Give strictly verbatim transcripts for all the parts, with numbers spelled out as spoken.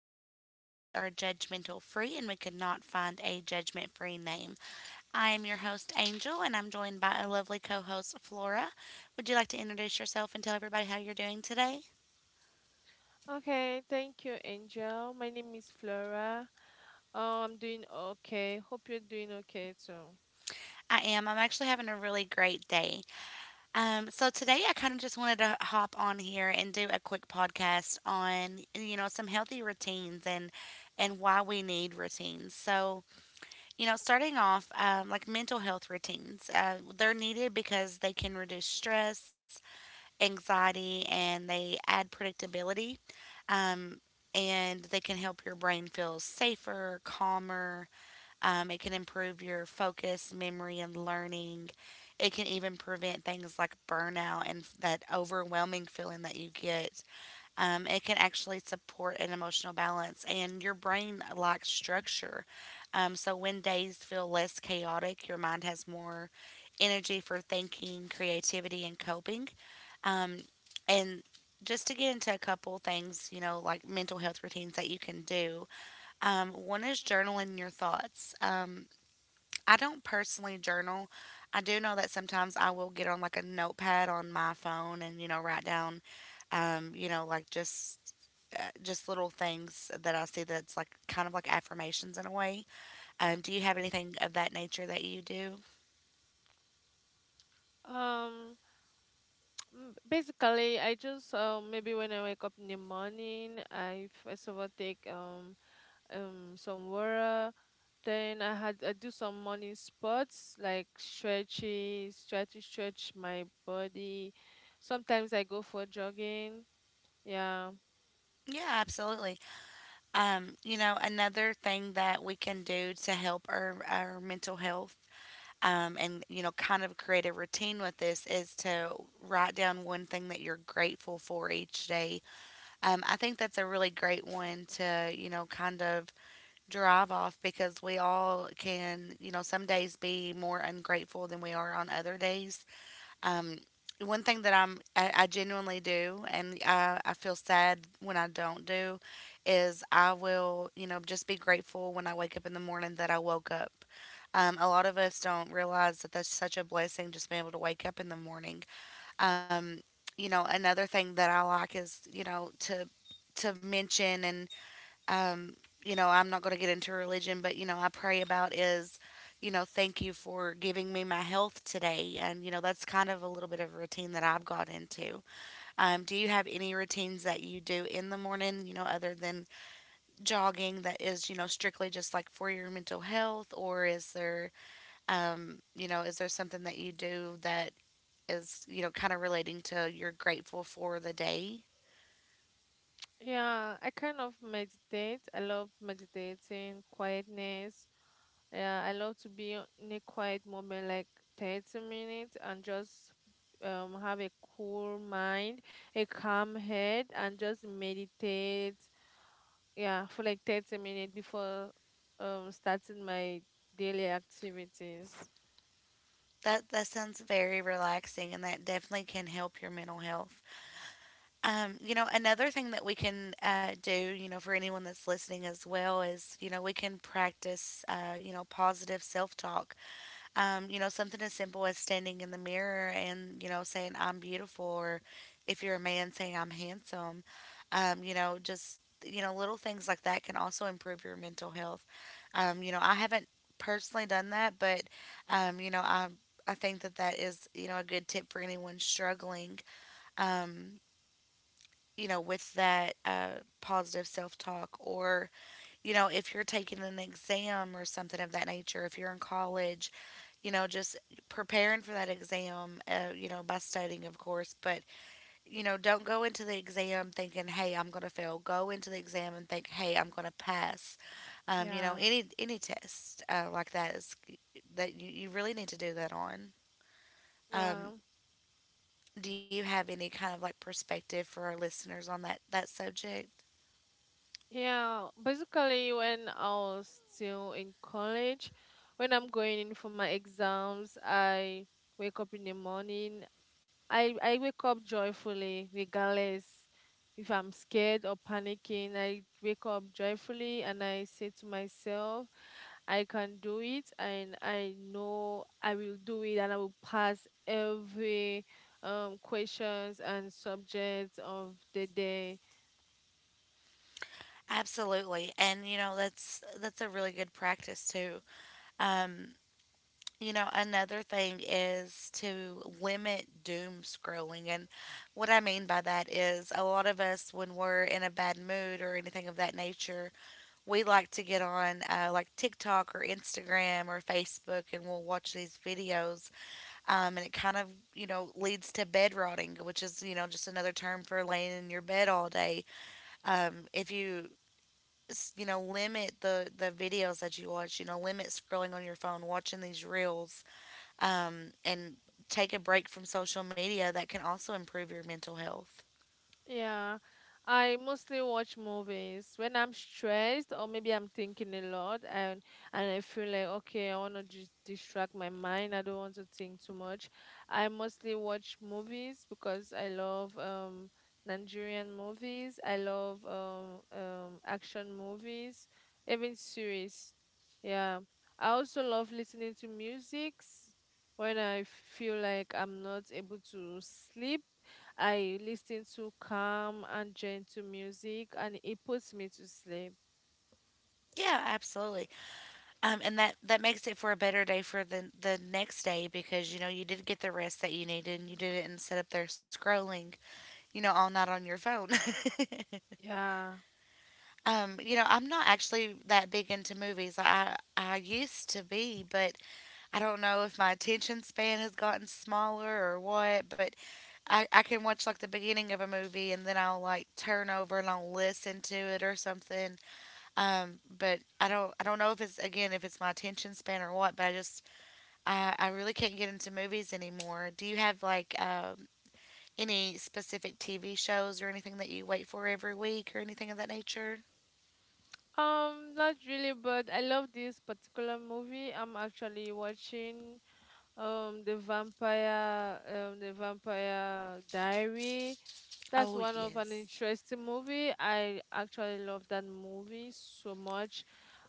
unnamed because we are judgmental free and we could not find a judgment free name. I am your host, Angel, and I'm joined by a lovely co host, Flora. Would you like to introduce yourself and tell everybody how you're doing today? Okay, thank you, Angel. My name is Flora. Oh, I'm doing okay. Hope you're doing okay too. I am. I'm actually having a really great day. Um, so today I kind of just wanted to hop on here and do a quick podcast on, you know, some healthy routines and and why we need routines. So you know, starting off, um, like mental health routines, uh, they're needed because they can reduce stress, anxiety, and they add predictability. Um, and they can help your brain feel safer, calmer. Um, it can improve your focus, memory, and learning. It can even prevent things like burnout and f- that overwhelming feeling that you get. Um, it can actually support an emotional balance, and your brain likes structure. Um, so when days feel less chaotic, your mind has more energy for thinking, creativity, and coping. Um, and just to get into a couple things, you know, like mental health routines that you can do. Um, one is journaling your thoughts. Um, I don't personally journal. I do know that sometimes I will get on like a notepad on my phone and, you know, write down, um, you know, like just uh, just little things that I see that's like kind of like affirmations in a way. Um, do you have anything of that nature that you do? Um, m- basically, I just um maybe when I wake up in the morning, I first of all take um um some water. Then I had I do some morning sports like stretches, try to stretch my body. Sometimes I go for jogging. Yeah. Yeah, absolutely. Um, you know, another thing that we can do to help our, our mental health, um, and, you know, kind of create a routine with this is to write down one thing that you're grateful for each day. Um, I think that's a really great one to, you know, kind of drive off because we all can, you know, some days be more ungrateful than we are on other days. Um, one thing that I'm, I, I genuinely do, and I, I feel sad when I don't do, is I will, you know, just be grateful when I wake up in the morning that I woke up. Um, a lot of us don't realize that that's such a blessing just being able to wake up in the morning. Um, you know, another thing that I like is, you know, to to mention and, um, you know, I'm not going to get into religion, but, you know, I pray about is, you know, thank you for giving me my health today. And, you know, that's kind of a little bit of a routine that I've got into. Um, do you have any routines that you do in the morning, you know, other than jogging that is, you know, strictly just like for your mental health? Or is there, um, you know, is there something that you do that is, you know, kind of relating to you're grateful for the day? Yeah, I kind of meditate. I love meditating, quietness. Yeah, I love to be o- in a quiet moment, like thirty minutes, and just um have a cool mind, a calm head, and just meditate. Yeah, for like thirty minutes before um starting my daily activities. That, that sounds very relaxing and that definitely can help your mental health. Um, you know, another thing that we can uh, do, you know, for anyone that's listening as well is, you know, we can practice, uh, you know, positive self talk. Um, you know, something as simple as standing in the mirror and, you know, saying, I'm beautiful, or if you're a man, saying, I'm handsome. Um, you know, just, you know, little things like that can also improve your mental health. Um, you know, I haven't personally done that, but, um, you know, I, I think that that is, you know, a good tip for anyone struggling. Um, you know, with that uh, positive self talk, or, you know, if you're taking an exam or something of that nature, if you're in college, you know, just preparing for that exam, uh, you know, by studying, of course, but, you know, don't go into the exam thinking, hey, I'm going to fail. Go into the exam and think, hey, I'm going to pass. Um, you know, Yeah. any any test uh, like that is that you, you really need to do that on. Yeah, Um, do you have any kind of like perspective for our listeners on that that subject? yeah, basically, when I was still in college, when I'm going in for my exams, I wake up in the morning. I, I wake up joyfully, regardless if I'm scared or panicking. I wake up joyfully and I say to myself, I can do it, and I know I will do it, and I will pass every um questions and subjects of the day. Absolutely. And you know, that's that's a really good practice too. Um, you know, another thing is to limit doom scrolling. And what I mean by that is a lot of us when we're in a bad mood or anything of that nature, we like to get on uh, like TikTok or Instagram or Facebook and we'll watch these videos. Um, and it kind of, you know, leads to bed rotting, which is, you know, just another term for laying in your bed all day. Um, if you s- you know, limit the the videos that you watch, you know, limit scrolling on your phone watching these reels, um and take a break from social media. That can also improve your mental health. Yeah, I mostly watch movies when I'm stressed or maybe I'm thinking a lot, and and I feel like okay, I want to just distract my mind. I don't want to think too much. I mostly watch movies because I love um Nigerian movies. I love um um action movies, even series. Yeah. I also love listening to musics when I feel like I'm not able to sleep. I listen to calm and gentle music and it puts me to sleep. Yeah, absolutely. Um and that that makes it for a better day for the the next day because, you know, you did get the rest that you needed and you didn't instead up there scrolling, you know, all night on your phone. Yeah. um you know, I'm not actually that big into movies. I i used to be, but I don't know if my attention span has gotten smaller or what, but I, I can watch like the beginning of a movie and then I'll like turn over and I'll listen to it or something. Um, but I don't, I don't know if it's again if it's my attention span or what, but I just I, I really can't get into movies anymore. Do you have like um, any specific T V shows or anything that you wait for every week or anything of that nature? Um, not really, but I love this particular movie. I'm actually watching um the vampire um the vampire diary. That's Oh one of an yes. interesting movie. I actually love that movie so much.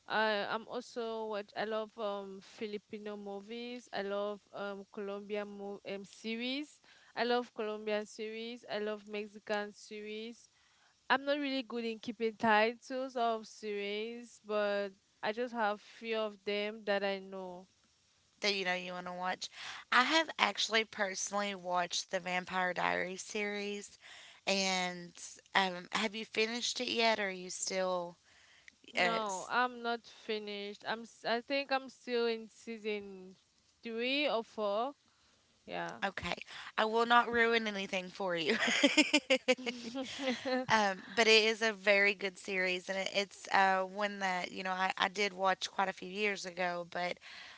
I am also what I love um Filipino movies. I love um Colombian mo- um series. I love Colombian series. I love Mexican series. I'm not really good in keeping titles of series, but I just have few of them that I know. That you know you want to watch. I have actually personally watched the Vampire Diaries series. And um, have you finished it yet? Or are you still? Uh, No, s- I'm not finished. I'm s- I think I'm still in season three or four. Yeah. okay, I will not ruin anything for you. Um, but it is a very good series, and it, it's uh, one that you know I, I did watch quite a few years ago. But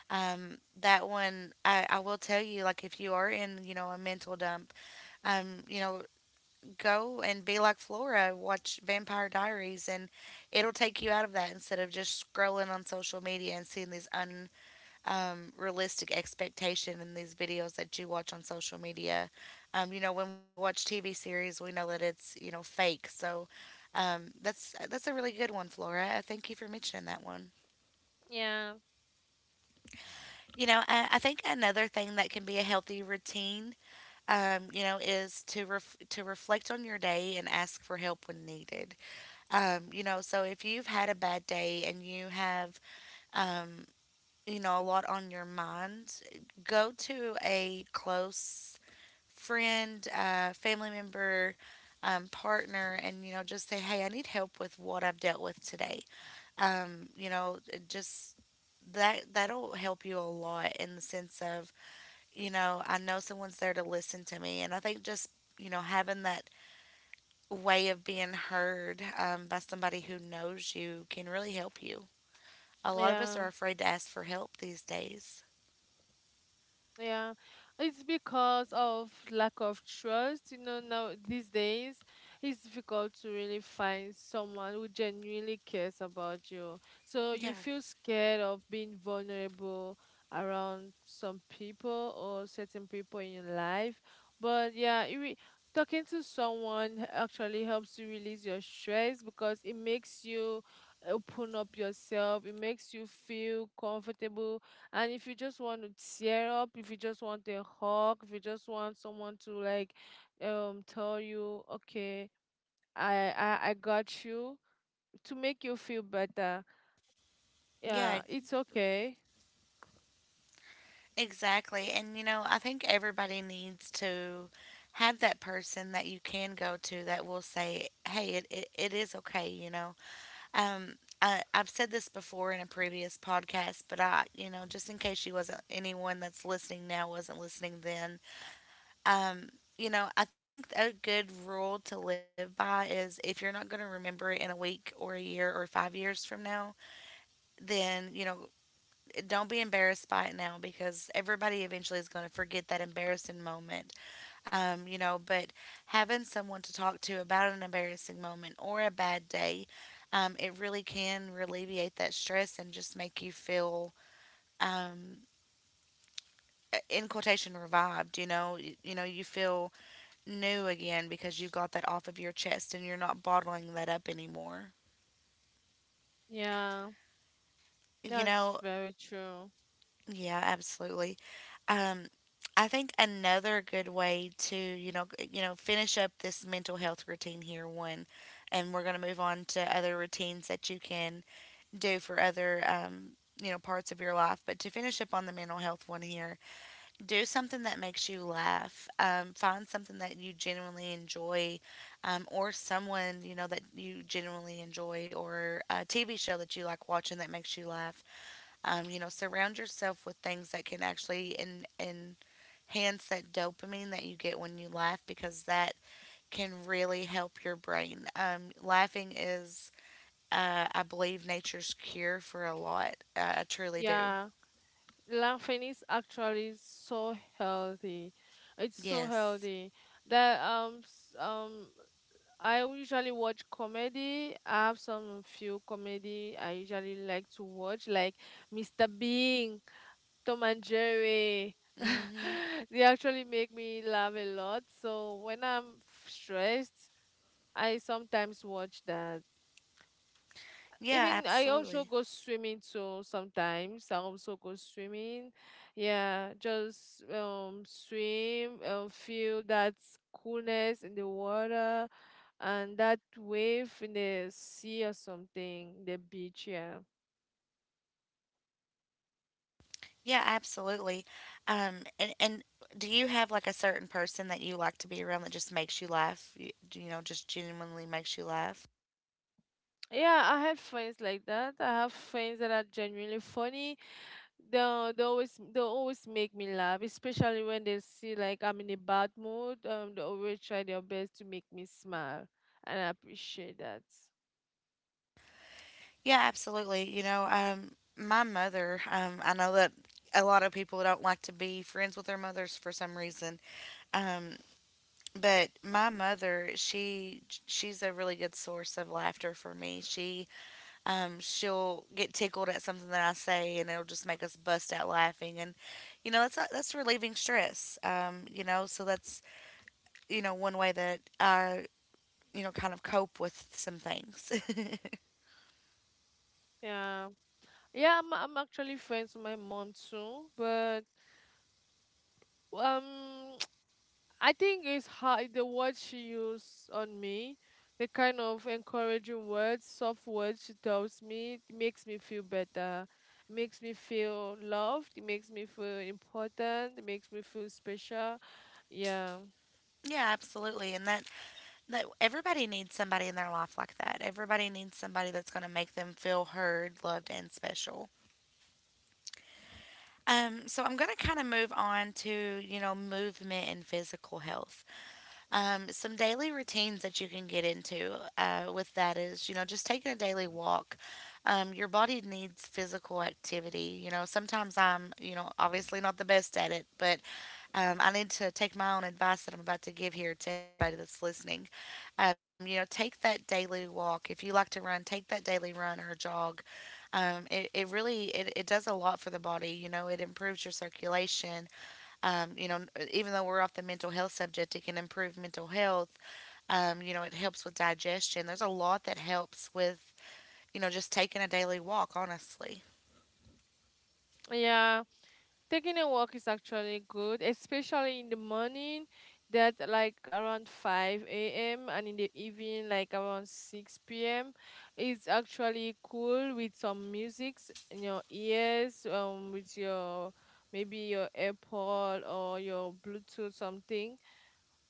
um, that one, I, I will tell you, like if you are in you know a mental dump, um, you know, go and be like Flora, watch Vampire Diaries, and it'll take you out of that instead of just scrolling on social media and seeing these um, realistic expectation in these videos that you watch on social media. Um, you know, when we watch T V series, we know that it's you know fake. So um, that's that's a really good one, Flora. I thank you for mentioning that one. Yeah. You know, I, I think another thing that can be a healthy routine, um, you know, is to ref- to reflect on your day and ask for help when needed. Um, you know, so if you've had a bad day and you have um, you know, a lot on your mind, go to a close friend, uh, family member, um, partner, and you know, just say, "Hey, I need help with what I've dealt with today." Um, you know, it just that that'll help you a lot in the sense of, you know, I know someone's there to listen to me, and I think just you know having that way of being heard um, by somebody who knows you can really help you. A lot of us Yeah. are afraid to ask for help these days. Yeah, it's because of lack of trust. You know, now these days it's difficult to really find someone who genuinely cares about you. So you Yeah. feel scared of being vulnerable around some people or certain people in your life. But yeah, it re- talking to someone actually helps you release your stress because it makes you open up yourself. It makes you feel comfortable, and if you just want to tear up, if you just want a hug, if you just want someone to like um tell you, okay, I I, I got you, to make you feel better. Yeah, Yeah, it's okay. exactly. And you know, I think everybody needs to have that person that you can go to that will say, "Hey, it it, it is okay," you know. Um, I, I've said this before in a previous podcast, but I, you know, just in case you wasn't anyone that's listening now wasn't listening then, um, you know, I think a good rule to live by is if you're not going to remember it in a week or a year or five years from now, then you know, don't be embarrassed by it now because everybody eventually is going to forget that embarrassing moment. Um, you know, but having someone to talk to about an embarrassing moment or a bad day, um, it really can alleviate that stress and just make you feel, um, in quotation, revived. You know, you, you know, you feel new again because you got that off of your chest and you're not bottling that up anymore. Yeah, You that's know, very true. yeah, absolutely. Um, I think another good way to, you know, g- you know, finish up this mental health routine here one, and we're going to move on to other routines that you can do for other, um, you know, parts of your life. But to finish up on the mental health one here, do something that makes you laugh. Um, find something that you genuinely enjoy, um, or someone you know that you genuinely enjoy, or a T V show that you like watching that makes you laugh um, you know, Surround yourself with things that can actually en- enhance that dopamine that you get when you laugh, because that can really help your brain. Um, laughing is, uh, I believe, nature's cure for a lot. Uh, I truly do. Yeah. Laughing is actually so healthy. It's so Yes. healthy that um s- um I usually watch comedy. I have some few comedy I usually like to watch, like Mister Bean, Tom and Jerry. Mm-hmm. They actually make me laugh a lot. So when I'm f- stressed, I sometimes watch that. Yeah, Even I also absolutely. go swimming too sometimes. I also go swimming. Yeah, just um swim and feel that coolness in the water and that wave in the sea or something, the beach, yeah. Yeah, absolutely. Um, and, and do you have like a certain person that you like to be around that just makes you laugh? You, you know, just genuinely makes you laugh? Yeah, I had friends like that. I have friends that are genuinely funny. They they always they always make me laugh, especially when they see like I'm in a bad mood. Um, they always try their best to make me smile, and I appreciate that. Yeah, absolutely. You know, um, my mother, um, I know that a lot of people don't like to be friends with their mothers for some reason. Um, but my mother, she she's a really good source of laughter for me. She um, she'll get tickled at something that I say, and it'll just make us bust out laughing. And you know, that's that's relieving stress. Um, you know, so that's you know one way that I you know kind of cope with some things. Yeah, yeah, I'm I'm actually friends with my mom too, but um, I think it's how the words she used on me, the kind of encouraging words, soft words she tells me, it makes me feel better. It makes me feel loved. It makes me feel important. It makes me feel special. Yeah, Yeah, absolutely. And that that everybody needs somebody in their life like that. Everybody needs somebody that's going to make them feel heard, loved, and special. Um, so I'm going to kind of move on to, you know, movement and physical health. Um, some daily routines that you can get into uh, with that is, you know, just taking a daily walk. Um, your body needs physical activity. You know, sometimes I'm, you know, obviously not the best at it, but um, I need to take my own advice that I'm about to give here to everybody that's listening. Um, you know, take that daily walk. If you like to run, take that daily run or jog. Um, it, it really it, it does a lot for the body. You know, it improves your circulation. Um, you know, even though we're off the mental health subject, it can improve mental health. Um, you know, it helps with digestion. There's a lot that helps with you know just taking a daily walk. Honestly. yeah. Taking a walk is actually good, especially in the morning, that like around five a m and in the evening, like around six p m. It's actually cool with some musics in your ears, um, with your maybe your AirPod or your Bluetooth something.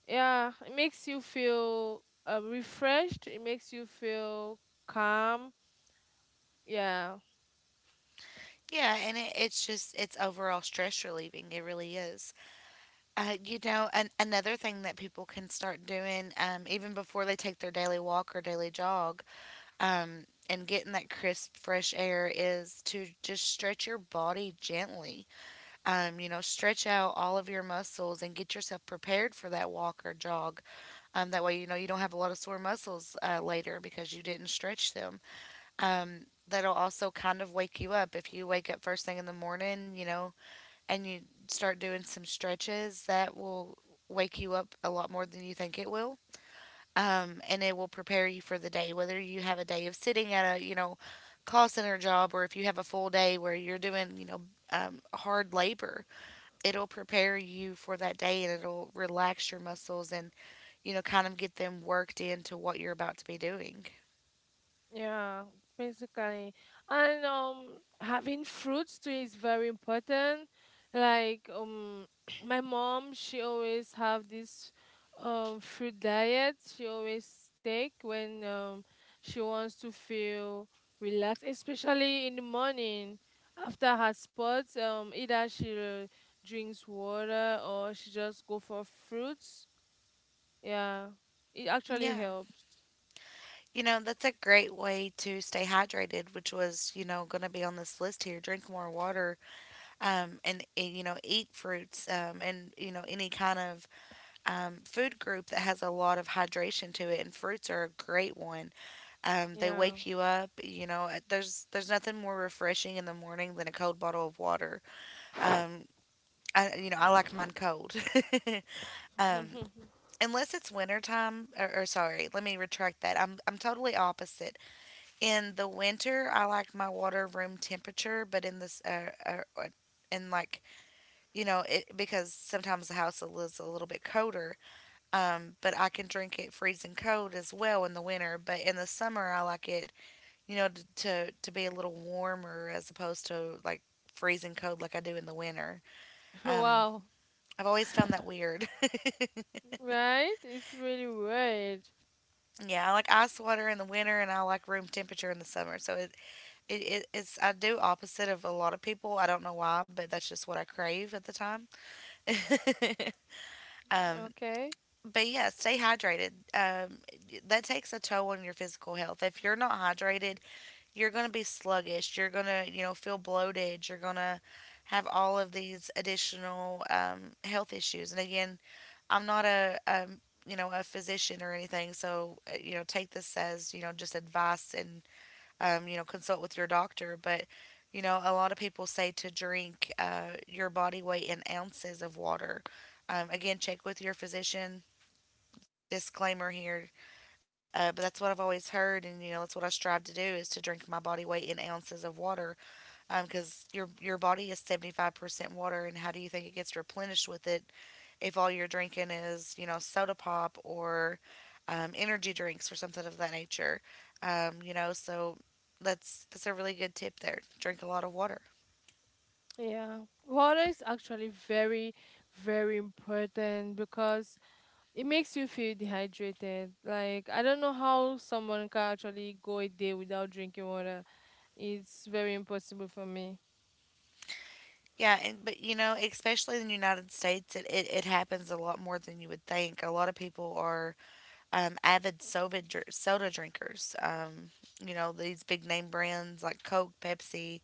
Yeah, it makes you feel uh, refreshed. It makes you feel calm. Yeah, Yeah, and it, it's just it's overall stress relieving. It really is. Uh, you know, an, another thing that people can start doing, um, even before they take their daily walk or daily jog, um, and getting that crisp, fresh air is to just stretch your body gently. Um, you know, stretch out all of your muscles and get yourself prepared for that walk or jog. Um, that way, you know, you don't have a lot of sore muscles uh, later because you didn't stretch them. Um, That'll also kind of wake you up. If you wake up first thing in the morning, you know, and you start doing some stretches that will wake you up a lot more than you think it will. Um, and it will prepare you for the day, whether you have a day of sitting at a, you know, call center job or if you have a full day where you're doing, you know, um, hard labor. It'll prepare you for that day and it'll relax your muscles and, you know, kind of get them worked into what you're about to be doing. yeah, basically. And um having fruits too is very important. Like um my mom, she always have this um fruit diet she always take when um she wants to feel relaxed, especially in the morning after her sports. Um, either she drinks water or she just go for fruits. Yeah, it actually Yeah. helps. You know, that's a great way to stay hydrated, which was, you know, going to be on this list here. Drink more water, um, and eh, you know eat fruits, um, and you know any kind of um, food group that has a lot of hydration to it, and fruits are a great one um, They Yeah. wake you up, you know, eh, there's there's nothing more refreshing in the morning than a cold bottle of water. um, I, you know, I like mine cold. um, Unless it's winter time, or, or sorry let me retract that I'm, I'm totally opposite. In the winter I like my water room temperature, but in this uh, uh, uh, in like you know, it because sometimes the house is a little bit colder. Um, but I can drink it freezing cold as well in the winter. But in the summer, I like it, you know, to to, to be a little warmer as opposed to like freezing cold like I do in the winter. Um, Wow. I've always found that weird. Right? It's really weird. Yeah, I like ice water in the winter, and I like room temperature in the summer. So it, it, it it's I do opposite of a lot of people. I don't know why, but that's just what I crave at the time. um, Okay. But yeah, stay hydrated. Um, that takes a toll on your physical health. If you're not hydrated, you're going to be sluggish. You're going to, you know, feel bloated. You're going to have all of these additional um, health issues. And again, I'm not a, um, you know, a physician or anything. So, uh, you know, take this as, you know, just advice and, um, you know, consult with your doctor. But, you know, a lot of people say to drink uh, your body weight in ounces of water. Um, again, check with your physician, disclaimer here, uh, but that's what I've always heard, and you know that's what I strive to do is to drink my body weight in ounces of water, because your your body is seventy five percent water, and how do you think it gets replenished with it if all you're drinking is you know soda pop or um, energy drinks or something of that nature, um, you know so that's that's a really good tip there. Drink a lot of water. Yeah. Water is actually very, very important because it makes you feel dehydrated. Like I don't know how someone can actually go a day without drinking water. It's very impossible for me. Yeah, and but you know, especially in the United States, it, it, it happens a lot more than you would think. A lot of people are um, avid soda, dr- soda drinkers. Um, you know, these big name brands like Coke, Pepsi,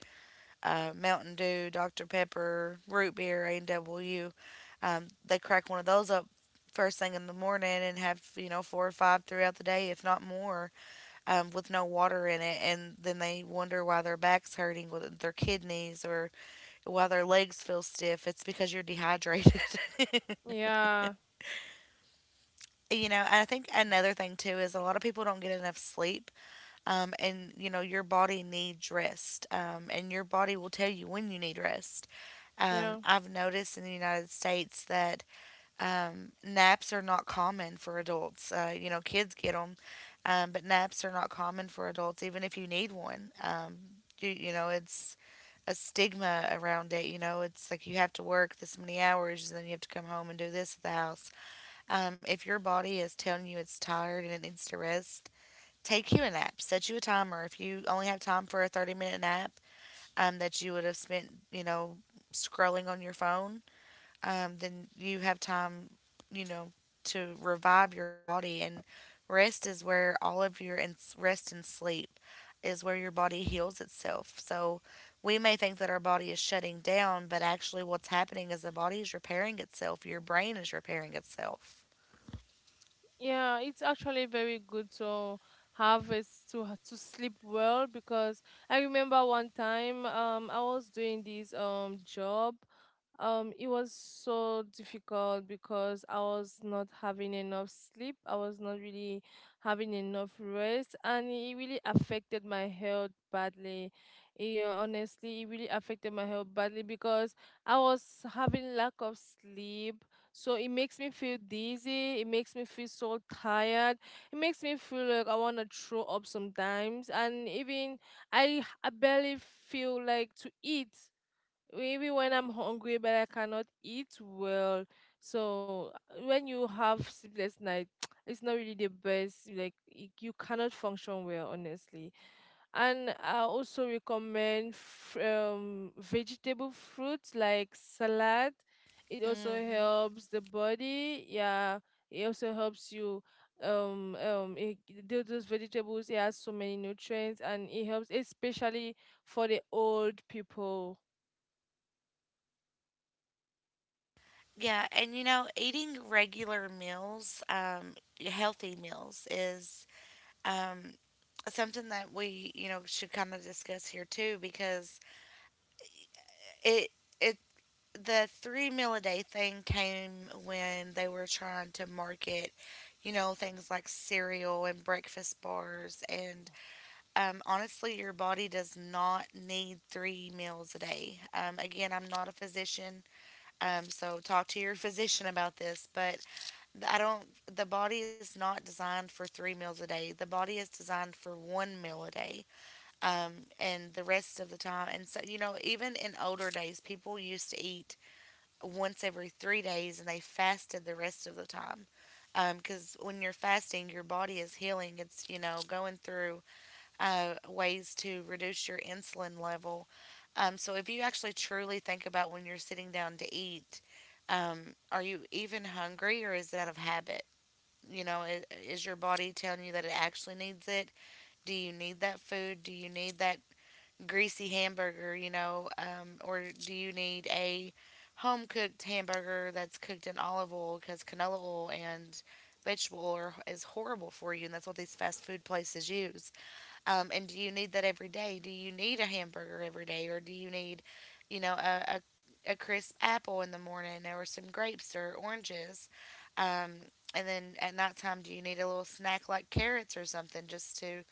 uh, Mountain Dew, Doctor Pepper, root beer, A and W. Um, they crack one of those up first thing in the morning and have, you know, four or five throughout the day, if not more, um, with no water in it. And then they wonder why their back's hurting, with their kidneys, or why their legs feel stiff. It's because you're dehydrated. Yeah, You know, and I think another thing too is a lot of people don't get enough sleep, um, and you know your body needs rest, um, and your body will tell you when you need rest. Um, yeah. I've noticed in the United States that um, naps are not common for adults. Uh, you know kids get them, um, but naps are not common for adults even if you need one. Um, you, you know it's a stigma around it. You know, it's like you have to work this many hours and then you have to come home and do this at the house. Um, if your body is telling you it's tired and it needs to rest, take you a nap. Set you a timer if you only have time for a thirty minute nap, um, that you would have spent, you know, scrolling on your phone. Um, then you have time, you know, to revive your body. And rest is where all of your and rest and sleep is where your body heals itself. So we may think that our body is shutting down, but actually, what's happening is the body is repairing itself. Your brain is repairing itself. Yeah, it's actually very good to have is to ha- to sleep well because I remember one time um I was doing this um job. Um, it was so difficult because I was not having enough sleep. I was not really having enough rest and it really affected my health badly. Yeah, honestly, it really affected my health badly because I was having lack of sleep, so it makes me feel dizzy. It makes me feel so tired. It makes me feel like I want to throw up sometimes. And even I, I barely feel like to eat maybe when I'm hungry but I cannot eat well. So uh, when you have sleepless night, it's not really the best. Like y- you cannot function well, honestly. And I also recommend f- um, vegetable fruits like salad. It also Hmm. helps the body. Yeah, it also helps you. Um, um, it, tho- those vegetables it has so many nutrients and it helps especially for the old people. Yeah, and you know, eating regular meals, um, healthy meals is um, something that we, you know, should kind of discuss here too because it it the three meal a day thing came when they were trying to market, you know, things like cereal and breakfast bars and um, honestly, your body does not need three meals a day. Um, again, I'm not a physician, um, so talk to your physician about this, but I don't, the body is not designed for three meals a day. The body is designed for one meal a day, um, and the rest of the time. And so, you know, even in older days, people used to eat once every three days and they fasted the rest of the time. Because when you're fasting, your body is healing. It's, you know, going through uh, ways to reduce your insulin level. Um, so if you actually truly think about when you're sitting down to eat, um, are you even hungry or is it out of habit? You know, is, is your body telling you that it actually needs it? Do you need that food? Do you need that greasy hamburger, you know? Um, or do you need a home cooked hamburger that's cooked in olive oil because canola oil and vegetable oil is horrible for you? And that's what these fast food places use. Um, and do you need that every day? Do you need a hamburger every day, or do you need, you know, a, a, a crisp apple in the morning, or some grapes or oranges? Um, and then at nighttime, do you need a little snack like carrots or something just to,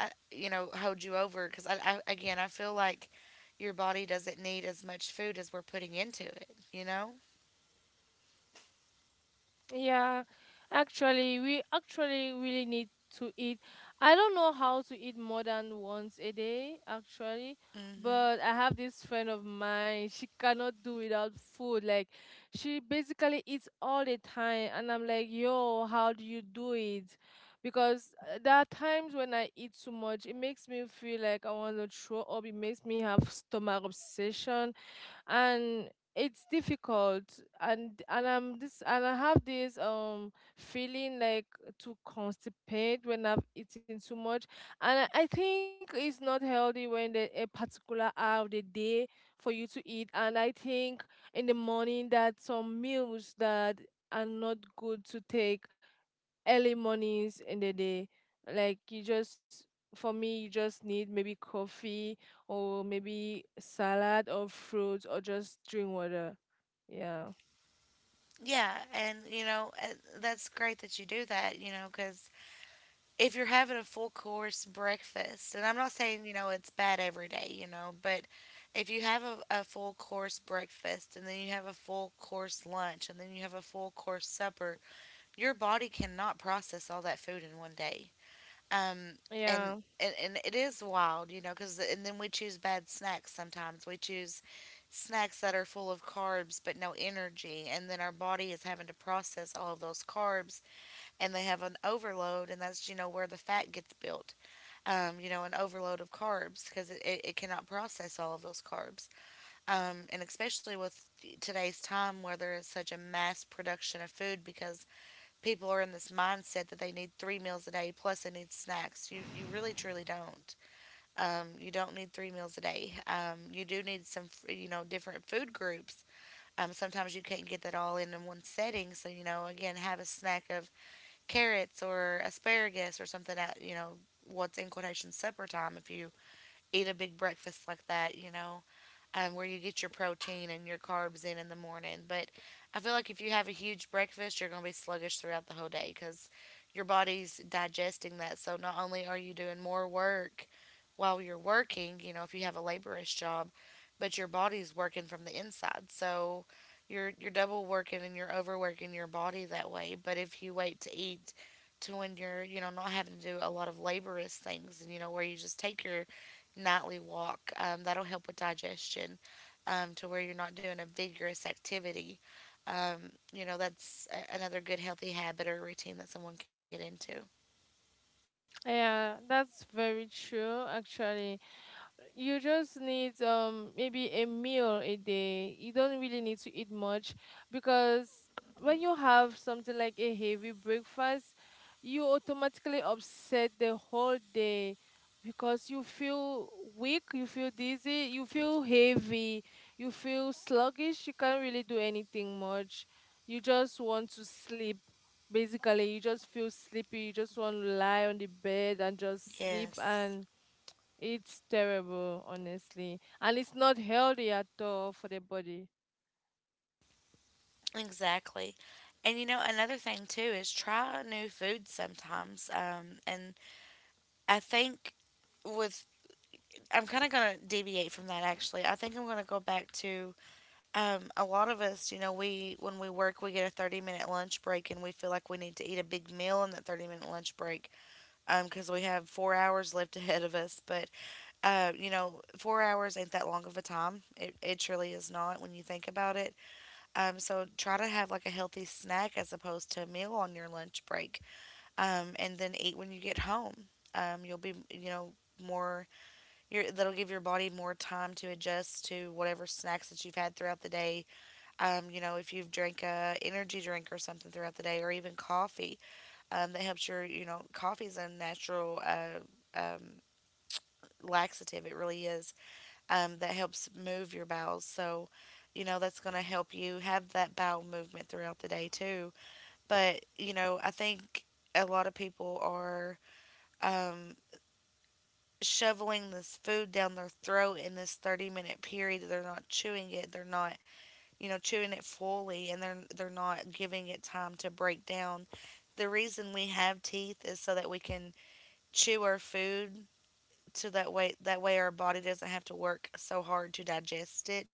uh, you know, hold you over? Because I, I, again, I feel like your body doesn't need as much food as we're putting into it, you know? Yeah, actually, we actually really need to eat. I don't know how to eat more than once a day, actually, hmm but I have this friend of mine. She cannot do without food. Like, she basically eats all the time, and I'm like, yo, how do you do it? Because uh, there are times when I eat too much, it makes me feel like I want to throw up. It makes me have stomach obsession, and it's difficult and and i'm this and i have this um feeling like to constipate when I've eaten too much, and i, I think it's not healthy when the, a particular hour of the day for you to eat, and I think in the morning that some meals that are not good to take early mornings in the day, like you just, for me, you just need maybe coffee or maybe salad or fruits or just drink water, yeah, Yeah, and you know, uh, that's great that you do that, you know, because if you're having a full course breakfast, and I'm not saying, you know, it's bad every day, you know, but if you have a, a full course breakfast and then you have a full course lunch and then you have a full course supper, your body cannot process all that food in one day. Um, and, yeah. and, and it is wild, you know, because, and then we choose bad snacks sometimes. We choose snacks that are full of carbs but no energy. And then our body is having to process all of those carbs and they have an overload, and that's you know where the fat gets built. Um, you know, an overload of carbs because it, it, it cannot process all of those carbs. Um, and especially with today's time where there is such a mass production of food because people are in this mindset that they need three meals a day plus they need snacks. You you really truly don't. Um, you don't need three meals a day. Um, you do need some f- you know different food groups. Um, sometimes you can't get that all in in one setting. So you know again have a snack of carrots or asparagus or something at, you know, what's in quotation supper time if you eat a big breakfast like that, you know um, Where you get your protein and your carbs in in the morning. But I feel like if you have a huge breakfast, you're going to be sluggish throughout the whole day because your body's digesting that. So not only are you doing more work while you're working, you know, if you have a laborious job, but your body's working from the inside. So you're you're double working and you're overworking your body that way. But if you wait to eat to when you're, you know, not having to do a lot of laborious things and you know where you just take your nightly walk. Um, that'll help with digestion um, to where you're not doing a vigorous activity. Um, you know, that's a- another good healthy habit or routine that someone can get into. Yeah, that's very true actually. You just need um maybe a meal a day. You don't really need to eat much because when you have something like a heavy breakfast, you automatically upset the whole day because you feel weak, you feel dizzy, you feel heavy, you feel sluggish, you can't really do anything much. You just want to sleep, basically you just feel sleepy, you just want to lie on the bed and just sleep, Yes. and it's terrible honestly, and it's not healthy at all for the body. Exactly. And you know, another thing too is try new foods sometimes. Um, and I think with, I'm kind of going to deviate from that actually. I think I'm going to go back to Um, A lot of us, you know, we when we work, we get a thirty minute lunch break and we feel like we need to eat a big meal in that thirty minute lunch break um, because we have four hours left ahead of us. But, uh, you know, four hours ain't that long of a time. It, it truly is not when you think about it. Um, so try to have like a healthy snack as opposed to a meal on your lunch break um, and then eat when you get home. Um, you'll be, you know, more your that'll give your body more time to adjust to whatever snacks that you've had throughout the day um, you know, if you've drank a energy drink or something throughout the day, or even coffee, um, that helps your, you know, coffee is a natural uh, um, laxative. It really is. Um, that helps move your bowels. So, you know, that's going to help you have that bowel movement throughout the day too. But, you know, I think a lot of people are um, shoveling this food down their throat in this thirty minute period. They're not chewing it. They're not you know, chewing it fully and they're they're not giving it time to break down. The reason we have teeth is so that we can chew our food so that way that way our body doesn't have to work so hard to digest it.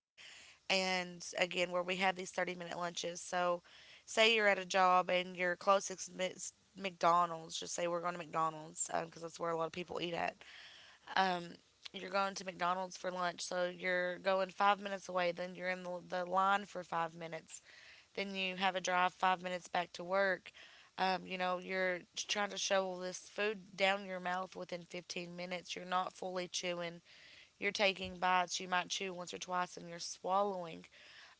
And again, where we have these thirty-minute lunches. So say you're at a job and your closest is McDonald's, just say we're going to McDonald's because that's where a lot of people eat at. Um, you're going to McDonald's for lunch, so you're going five minutes away, then you're in the, the line for five minutes then you have a drive five minutes back to work. Um, you know, you're trying to shovel this food down your mouth within fifteen minutes. You're not fully chewing. You're taking bites. You might chew once or twice and you're swallowing.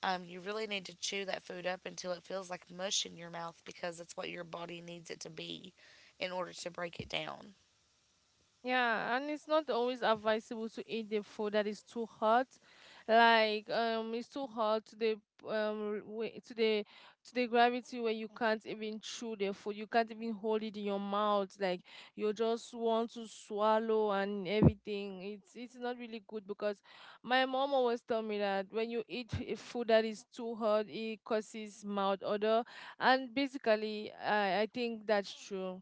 Um, you really need to chew that food up until it feels like mush in your mouth because that's what your body needs it to be in order to break it down. Yeah, and it's not always advisable to eat the food that is too hot. Like um, it's too hot to the um way, to the to the gravity where you can't even chew the food. You can't even hold it in your mouth. Like you just want to swallow and everything. It's it's not really good because my mom always tell me that when you eat a food that is too hot, it causes mouth odor. And basically, I I think that's true.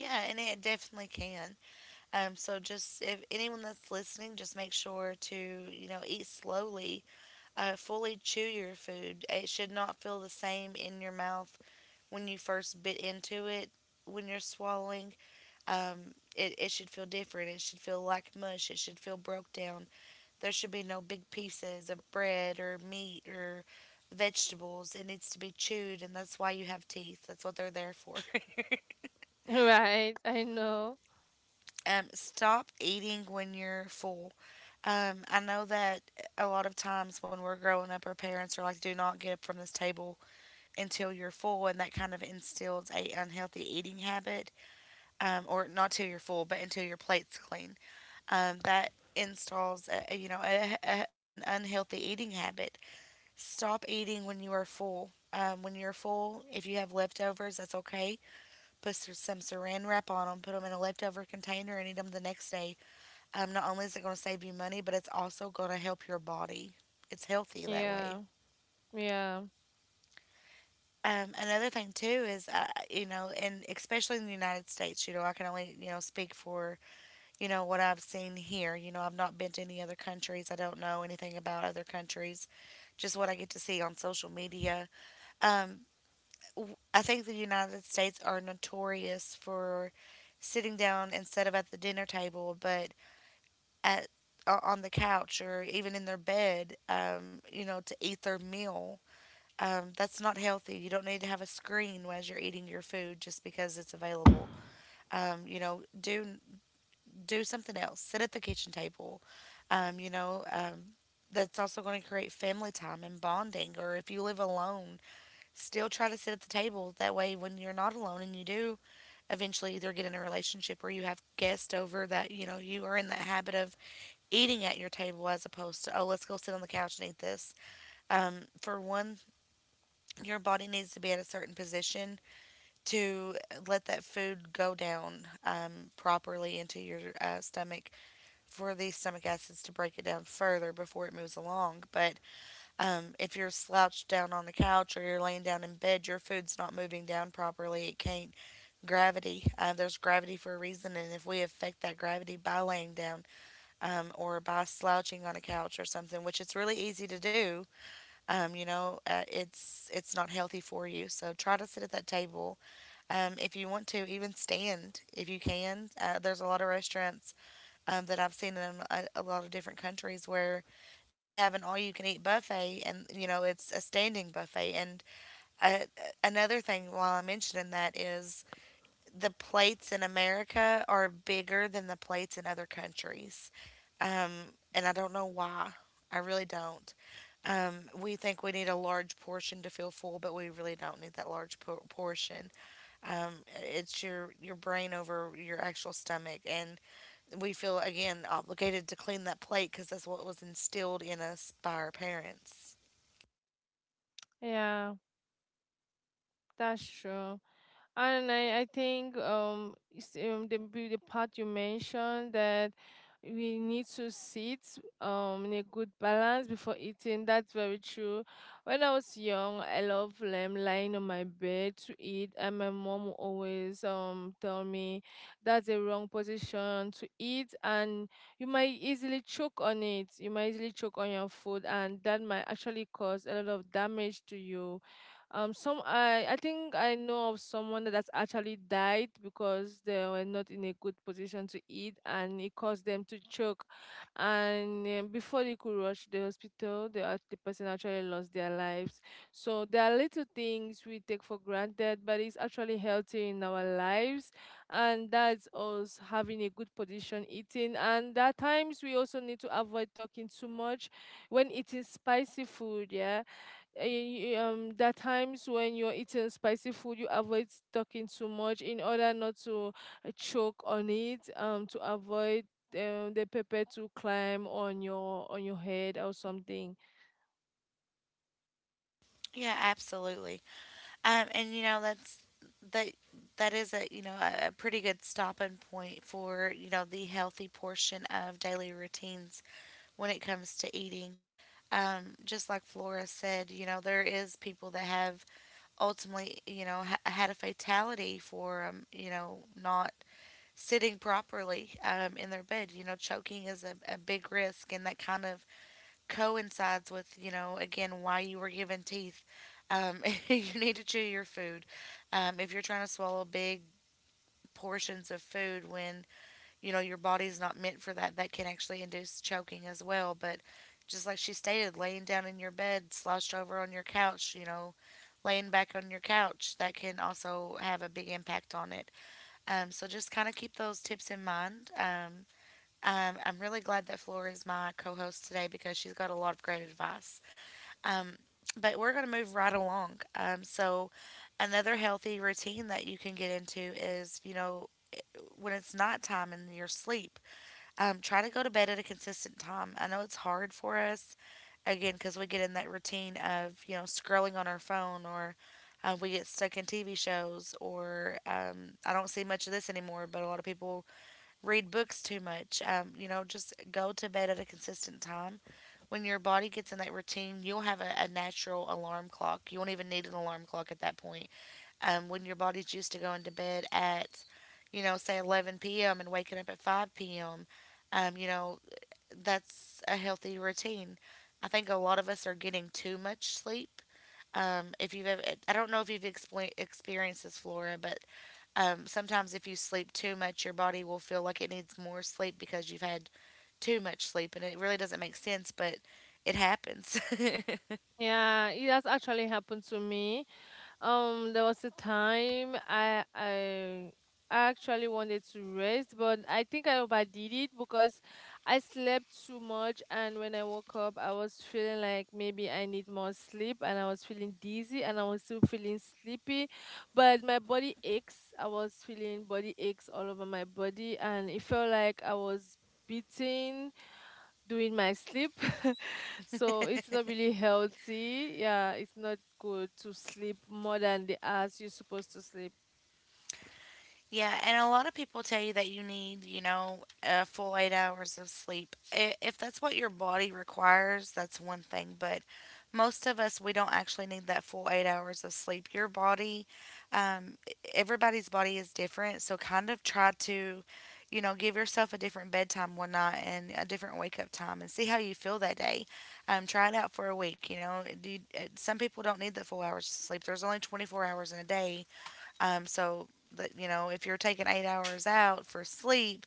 Yeah, and it definitely can. Um, so just if anyone that's listening, just make sure to you know eat slowly, uh, fully chew your food. It should not feel the same in your mouth when you first bit into it when you're swallowing. Um, it, it should feel different. It should feel like mush. It should feel broke down. There should be no big pieces of bread or meat or vegetables. It needs to be chewed, and that's why you have teeth. That's what they're there for. Right, I know. Um, stop eating when you're full. Um, I know that a lot of times when we're growing up, our parents are like, "Do not get up from this table until you're full," and that kind of instills a unhealthy eating habit, um, or not till you're full, but until your plate's clean. Um, that installs, a, a- you know, a, a, an unhealthy eating habit. Stop eating when you are full. Um, when you're full, if you have leftovers, that's okay. Put s- some Saran wrap on them, put them in a leftover container, and eat them the next day um, not only is it going to save you money, but it's also going to help your body. It's healthy that way. Yeah. Yeah, Um, another thing too is, uh, you know, and especially in the United States, you know, I can only, you know, speak for, you know, what I've seen here. You know, I've not been to any other countries. I don't know anything about other countries, just what I get to see on social media. Um, w- I think the United States are notorious for sitting down instead of at the dinner table, but at o- on the couch or even in their bed, um, you know, to eat their meal. Um, that's not healthy. You don't need to have a screen as you're eating your food just because it's available. Um, you know, do do something else. Sit at the kitchen table. Um, you know, um, that's also going to create family time and bonding. Or if you live alone, still try to sit at the table. That way, when you're not alone and you do eventually either get in a relationship or you have guests over, that you know you are in that habit of eating at your table as opposed to, oh, let's go sit on the couch and eat this. Um, for one, your body needs to be at a certain position to uh, let that food go down um, properly into your uh, stomach for these stomach acids to break it down further before it moves along. But um, if you're slouched down on the couch or you're laying down in bed, your food's not moving down properly. It can't gravity. Uh, there's gravity for a reason, and if we affect that gravity by laying down, um, or by slouching on a couch or something, which it's really easy to do. Um, you know, uh, it's it's not healthy for you. So try to sit at that table. Um, if you want to, even stand if you can. Uh, there's a lot of restaurants um, that I've seen in um, a, a lot of different countries where they have an all-you-can-eat buffet, and you know it's a standing buffet. And uh, another thing, while I'm mentioning that, is the plates in America are bigger than the plates in other countries. Um, and I don't know why. I really don't. Um, we think we need a large portion to feel full, but we really don't need that large por- portion. Um, it's your your brain over your actual stomach, and we feel again obligated to clean that plate because that's what was instilled in us by our parents. yeah, that's true. And I, I think um, it's, um the b- the part you mentioned that we need to sit um in a good balance before eating. That's very true. When I was young, I loved um, lying on my bed to eat, and my mom would always um tell me that's a wrong position to eat, and you might easily choke on it. You might easily choke on your food, and that might actually cause a lot of damage to you. Um some i i think I know of someone that's actually died because they were not in a good position to eat, and it caused them to choke. And um, before they could rush the hospital, the, act- the person actually lost their lives. So there are little things we take for granted, but it's actually healthy in our lives. And that's us having a good position eating. And there are times we also need to avoid talking too much when eating spicy food. Yeah. Uh, y- um there are times when you're eating spicy food, you avoid talking too much in order not to uh, choke on it, um to avoid um, the pepper to climb on your on your head or something. Yeah, absolutely. Um, and you know that's that that is a you know a, a pretty good stopping point for you know the healthy portion of daily routines when it comes to eating. Um, just like Flora said, you know there is people that have ultimately you know ha- had a fatality for um, you know not sitting properly um, in their bed. You know choking is a, a big risk, and that kind of coincides with, you know, again, why you were given teeth. Um, you need to chew your food. Um, if you're trying to swallow big portions of food when, you know, your body's not meant for that, that can actually induce choking as well. But just like she stated, laying down in your bed, slouched over on your couch, you know, laying back on your couch, that can also have a big impact on it. Um, so just kind of keep those tips in mind. Um, um, I'm really glad that Flora is my co host today because she's got a lot of great advice. Um, but we're going to move right along. Um, so, another healthy routine that you can get into is, you know, i- when it's night time and you're asleep, um, try to go to bed at a consistent time. I know it's hard for us, again, because we get in that routine of, you know, scrolling on our phone or uh, we get stuck in T V shows or um, I don't see much of this anymore, but a lot of people read books too much. Um, you know, just go to bed at a consistent time. When your body gets in that routine, you'll have a, a natural alarm clock. You won't even need an alarm clock at that point. Um, when your body's used to going to bed at, you know, say eleven p m and waking up at five p m, um, you know, that's a healthy routine. I think a lot of us are getting too much sleep. Um, if you've ever, I don't know if you've expl- experienced this, Flora, but um, sometimes if you sleep too much, your body will feel like it needs more sleep because you've had too much sleep, and it really doesn't make sense, but it happens. Yeah, it has actually happened to me. Um, there was a time I I I actually wanted to rest, but I think I overdid it because I slept too much, and when I woke up, I was feeling like maybe I need more sleep, and I was feeling dizzy, and I was still feeling sleepy, but my body aches. I was feeling body aches all over my body, and it felt like I was beaten during my sleep. So it's not really healthy. Yeah, it's not good to sleep more than the hours you're supposed to sleep, Yeah, and a lot of people tell you that you need, you know, a full eight hours of sleep. I- If that's what your body requires, that's one thing. But most of us, we don't actually need that full eight hours of sleep. Your body, um, e- everybody's body is different. So kind of try to, you know, give yourself a different bedtime one night and a different wake up time and see how you feel that day. Um, try it out for a week. You know, do you, uh, some people don't need the full hours of sleep. There's only twenty-four hours in a day, um, so that you know, if you're taking eight hours out for sleep,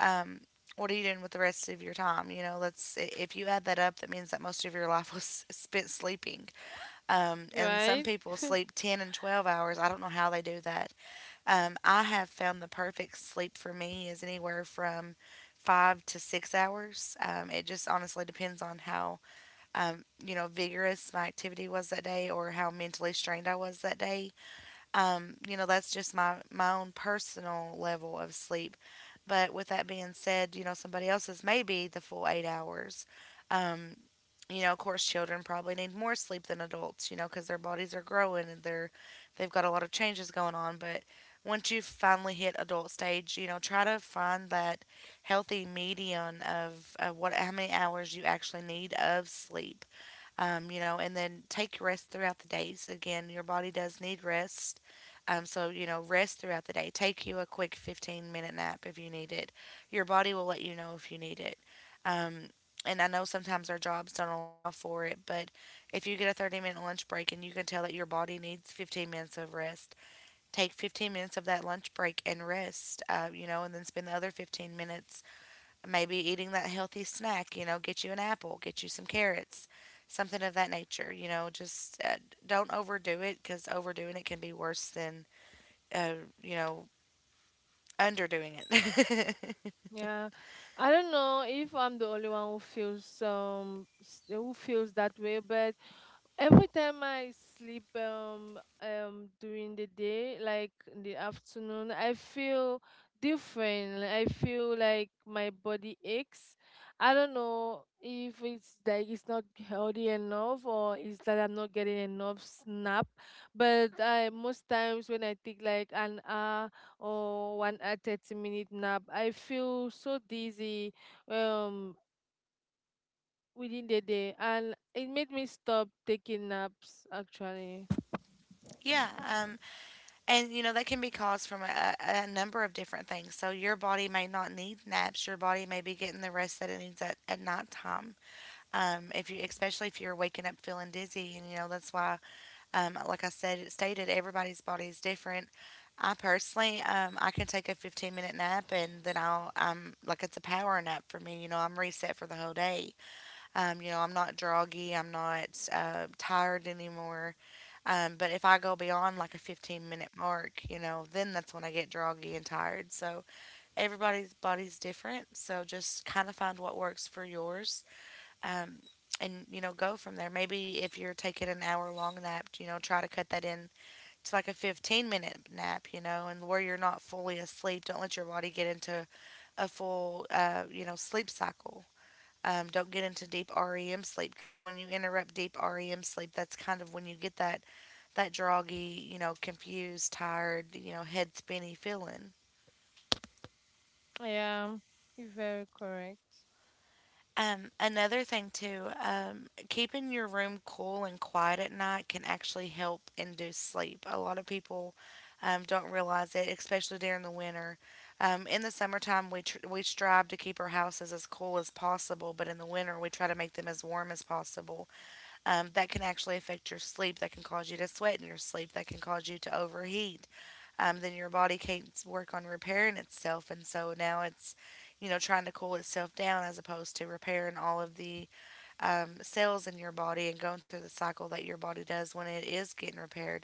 um, what are you doing with the rest of your time? You know, let's i- if you add that up, that means that most of your life was spent sleeping. Um, and some right? people sleep ten and twelve hours. I don't know how they do that. Um, I have found the perfect sleep for me is anywhere from five to six hours. Um, it just honestly depends on how um, you know vigorous my activity was that day or how mentally strained I was that day, um, you know, that's just my my own personal level of sleep. But with that being said, you know, somebody else's may be the full eight hours. Um, you know, of course, children probably need more sleep than adults, you know, because their bodies are growing and they're they've got a lot of changes going on. But once you finally hit adult stage, you know, try to find that healthy median of, of what how many hours you actually need of sleep, um, you know, and then take rest throughout the days. Again, your body does need rest. Um, so, you know, rest throughout the day. Take you a quick fifteen minute nap if you need it. Your body will let you know if you need it. Um, and I know sometimes our jobs don't allow for it, but if you get a thirty minute lunch break and you can tell that your body needs fifteen minutes of rest, take fifteen minutes of that lunch break and rest, uh, you know, and then spend the other fifteen minutes maybe eating that healthy snack, you know, get you an apple, get you some carrots, something of that nature, you know, just uh, don't overdo it because overdoing it can be worse than, uh, you know, underdoing it. Yeah, I don't know if I'm the only one who feels um s- who feels that way, but every time I sleep um um during the day, like in the afternoon, I feel different. Like, I feel like my body aches. I don't know if it's like it's not healthy enough or it's that I'm not getting enough snap. But I most times when I take like an hour or one uh, 30 minute nap, I feel so dizzy um within the day, and it made me stop taking naps actually. yeah. Um, And, you know, that can be caused from a, a number of different things. So your body may not need naps. Your body may be getting the rest that it needs at, at nighttime. Um, if you, especially if you're waking up feeling dizzy and, you know, that's why Um, like I said, stated, everybody's body is different. I personally, um, I can take a fifteen minute nap and then I'll, um, like it's a power nap for me. You know, I'm reset for the whole day. Um, you know, I'm not droggy. I'm not uh, tired anymore. Um, but if I go beyond like a fifteen minute mark, you know, then that's when I get droggy and tired. So everybody's body's different. So just kind of find what works for yours, um, and you know go from there. Maybe if you're taking an hour long nap, you know try to cut that in to like a fifteen minute nap, you know, and where you're not fully asleep. Don't let your body get into a full uh, you know sleep cycle. Um, don't get into deep REM sleep because when you interrupt deep REM sleep, that's kind of when you get that that droggy, you know, confused, tired, you know, head spinny feeling. Yeah, you're very correct. Um, another thing too, um, keeping your room cool and quiet at night can actually help induce sleep. A lot of people um, don't realize it, especially during the winter. Um, in the summertime, we tr- we strive to keep our houses as cool as possible, but in the winter, we try to make them as warm as possible. Um, that can actually affect your sleep. That can cause you to sweat in your sleep. That can cause you to overheat, um, then your body can't work on repairing itself. And so now it's, you know, trying to cool itself down as opposed to repairing all of the, um, cells in your body and going through the cycle that your body does when it is getting repaired.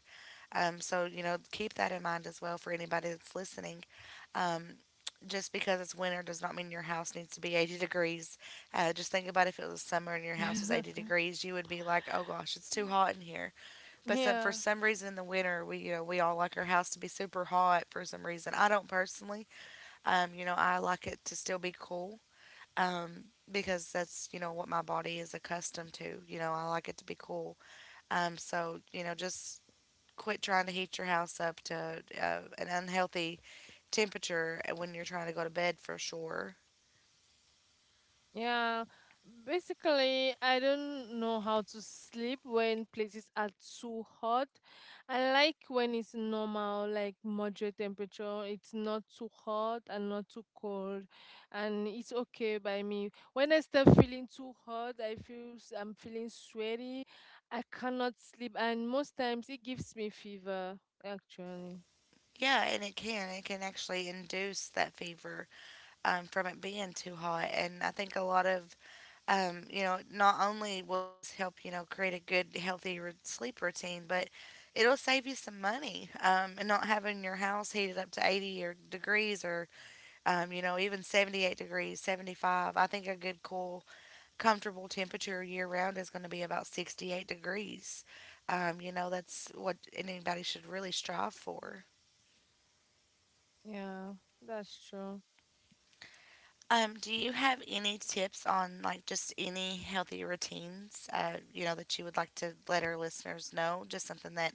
Um, so, you know, keep that in mind as well for anybody that's listening. Um, just because it's winter does not mean your house needs to be eighty degrees. Uh, just think about if it was summer and your house was eighty degrees, you would be like, oh gosh, it's too hot in here. But some, for Yeah. some reason in the winter, we you know we all like our house to be super hot for some reason. I don't personally. Um, you know, I like it to still be cool. Um, because that's you know what my body is accustomed to. You know, I like it to be cool. Um, so you know, just quit trying to heat your house up to uh, an unhealthy temperature uh, when you're trying to go to bed for sure. Yeah, basically, I don't know how to sleep when places are too hot. I like when it's normal, like moderate temperature. It's not too hot and not too cold, and it's okay by me. When I start feeling too hot, I feel s- I'm feeling sweaty. I cannot sleep, and most times it gives me fever, actually. Yeah, and it can. It can actually induce that fever, um, from it being too hot. And I think a lot of, um, you know, not only will this help, you know, create a good, healthy r sleep routine, but it'll save you some money, um, and not having your house heated up to eighty or degrees or, um, you know, even seventy-eight degrees, seventy-five. I think a good, cool, comfortable temperature year round is going to be about sixty-eight degrees. Um, you know, that's what anybody should really strive for. Yeah, that's true. Um, do you have any tips on like just any healthy routines, uh, you know, that you would like to let our listeners know? Just something that,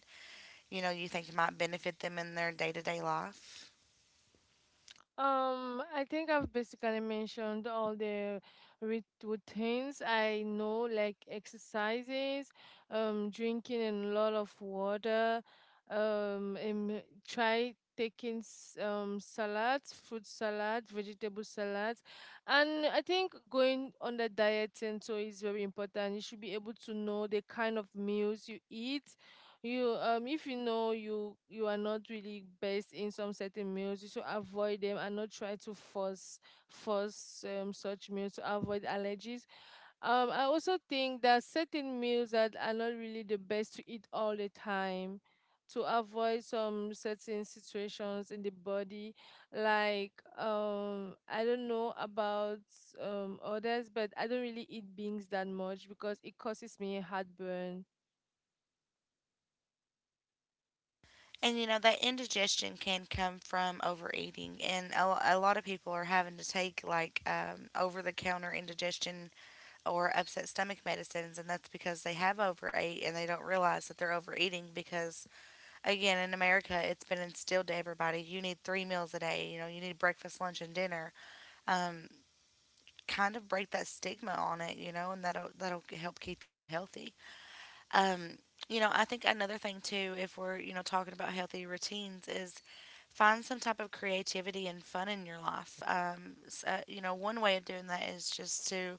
you know, you think might benefit them in their day to day life? Um, I think I've basically mentioned all the rit- routines I know, like exercises, um, drinking a lot of water, um, and try taking s- um salads, fruit salad, vegetable salads. And I think going on the diet and so is very important. You should be able to know the kind of meals you eat. You um if you know you you are not really best in some certain meals, you should avoid them and not try to force force um, such meals to avoid allergies. Um, I also think that certain meals that are not really the best to eat all the time to avoid some certain situations in the body, like, um, I don't know about um others, but I don't really eat beans that much because it causes me heartburn. And, you know, that indigestion can come from overeating. And a, a lot of people are having to take like um, over the counter indigestion or upset stomach medicines. And that's because they have overate and they don't realize that they're overeating because again in America it's been instilled to everybody you need three meals a day, you know you need breakfast lunch and dinner. um, Kind of break that stigma on it, you know, and that'll that'll help keep you healthy. um, you know I think another thing too if we're you know talking about healthy routines is find some type of creativity and fun in your life, um, s- uh, you know one way of doing that is just to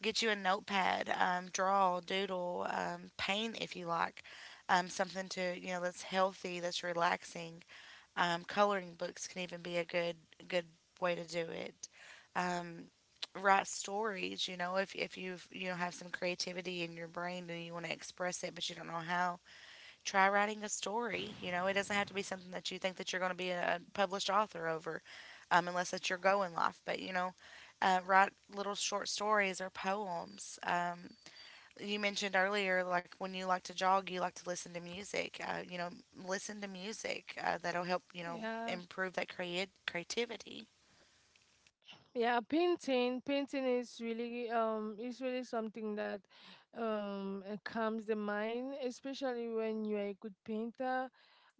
get you a notepad, um, draw doodle, um, paint if you like, um, something to you know that's healthy that's relaxing, um, coloring books can even be a good good way to do it. Um, Write stories, you know, if if you've you know have some creativity in your brain and you want to express it but you don't know how, try writing a story. You know, it doesn't have to be something that you think that you're going to be a published author over, um, unless that's your goal in life. But you know, uh, write little short stories or poems. Um, you mentioned earlier, like when you like to jog, you like to listen to music. Uh, you know, listen to music, uh, that'll help you know Yeah. improve that creat creativity. Yeah, painting painting is really um is really something that um uh, calms the mind, especially when you are a good painter.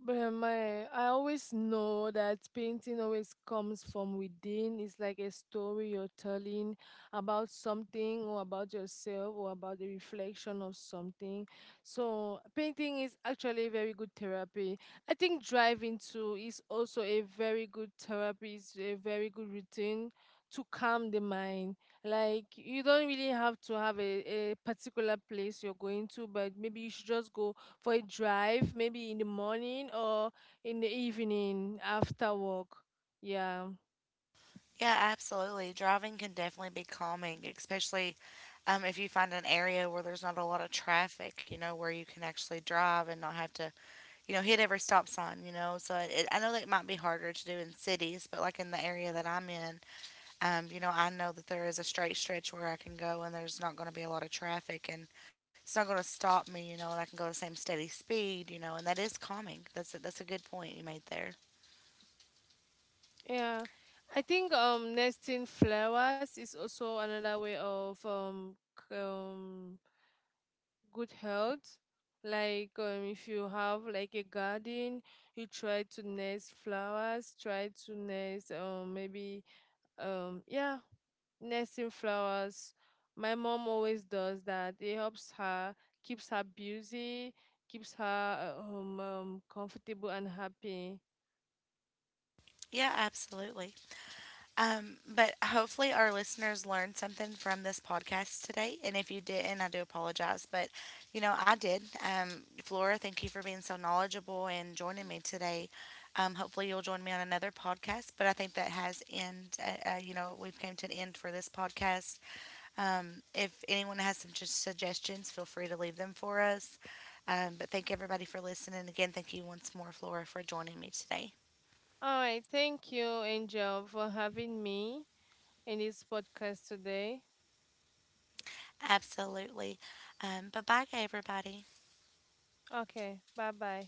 But uh, my I always know that painting always comes from within. It's like a story you're telling about something or about yourself or about the reflection of something. So painting is actually a very good therapy. I think driving too is also a very good therapy. It's a very good routine to calm the mind. Like, you don't really have to have a, a particular place you're going to, but maybe you should just go for a drive, maybe in the morning or in the evening after work. Yeah. Yeah, absolutely. Driving can definitely be calming, especially, um, if you find an area where there's not a lot of traffic. You know, where you can actually drive and not have to you know hit every stop sign. You know, so it, I know that it might be harder to do in cities, but like in the area that I'm in. Um, you know, I know that there is a straight stretch where I can go and there's not going to be a lot of traffic and it's not going to stop me, you know, and I can go the same steady speed, you know, and that is calming. That's a, that's a good point you made there. Yeah. I think um nesting flowers is also another way of um, c- um good health. Like, um, if you have like a garden, you try to nest flowers, try to nest um maybe um yeah nesting flowers. My mom always does that. It helps her, keeps her busy, keeps her uh, um, um comfortable and happy. Yeah, absolutely. Um, but hopefully, our listeners learned something from this podcast today. And if you didn't, I do apologize. But, you know, I did. Um, Flora, thank you for being so knowledgeable and joining me today. Um, hopefully, you'll join me on another podcast. But I think that has end. Uh, uh, you know, we've came to an end for this podcast. Um, if anyone has some just suggestions, feel free to leave them for us. Um, but thank everybody for listening. Again, thank you once more, Flora, for joining me today. All right, thank you, Angel, for having me in this podcast today. Absolutely. Um, bye bye, everybody. Okay, bye bye.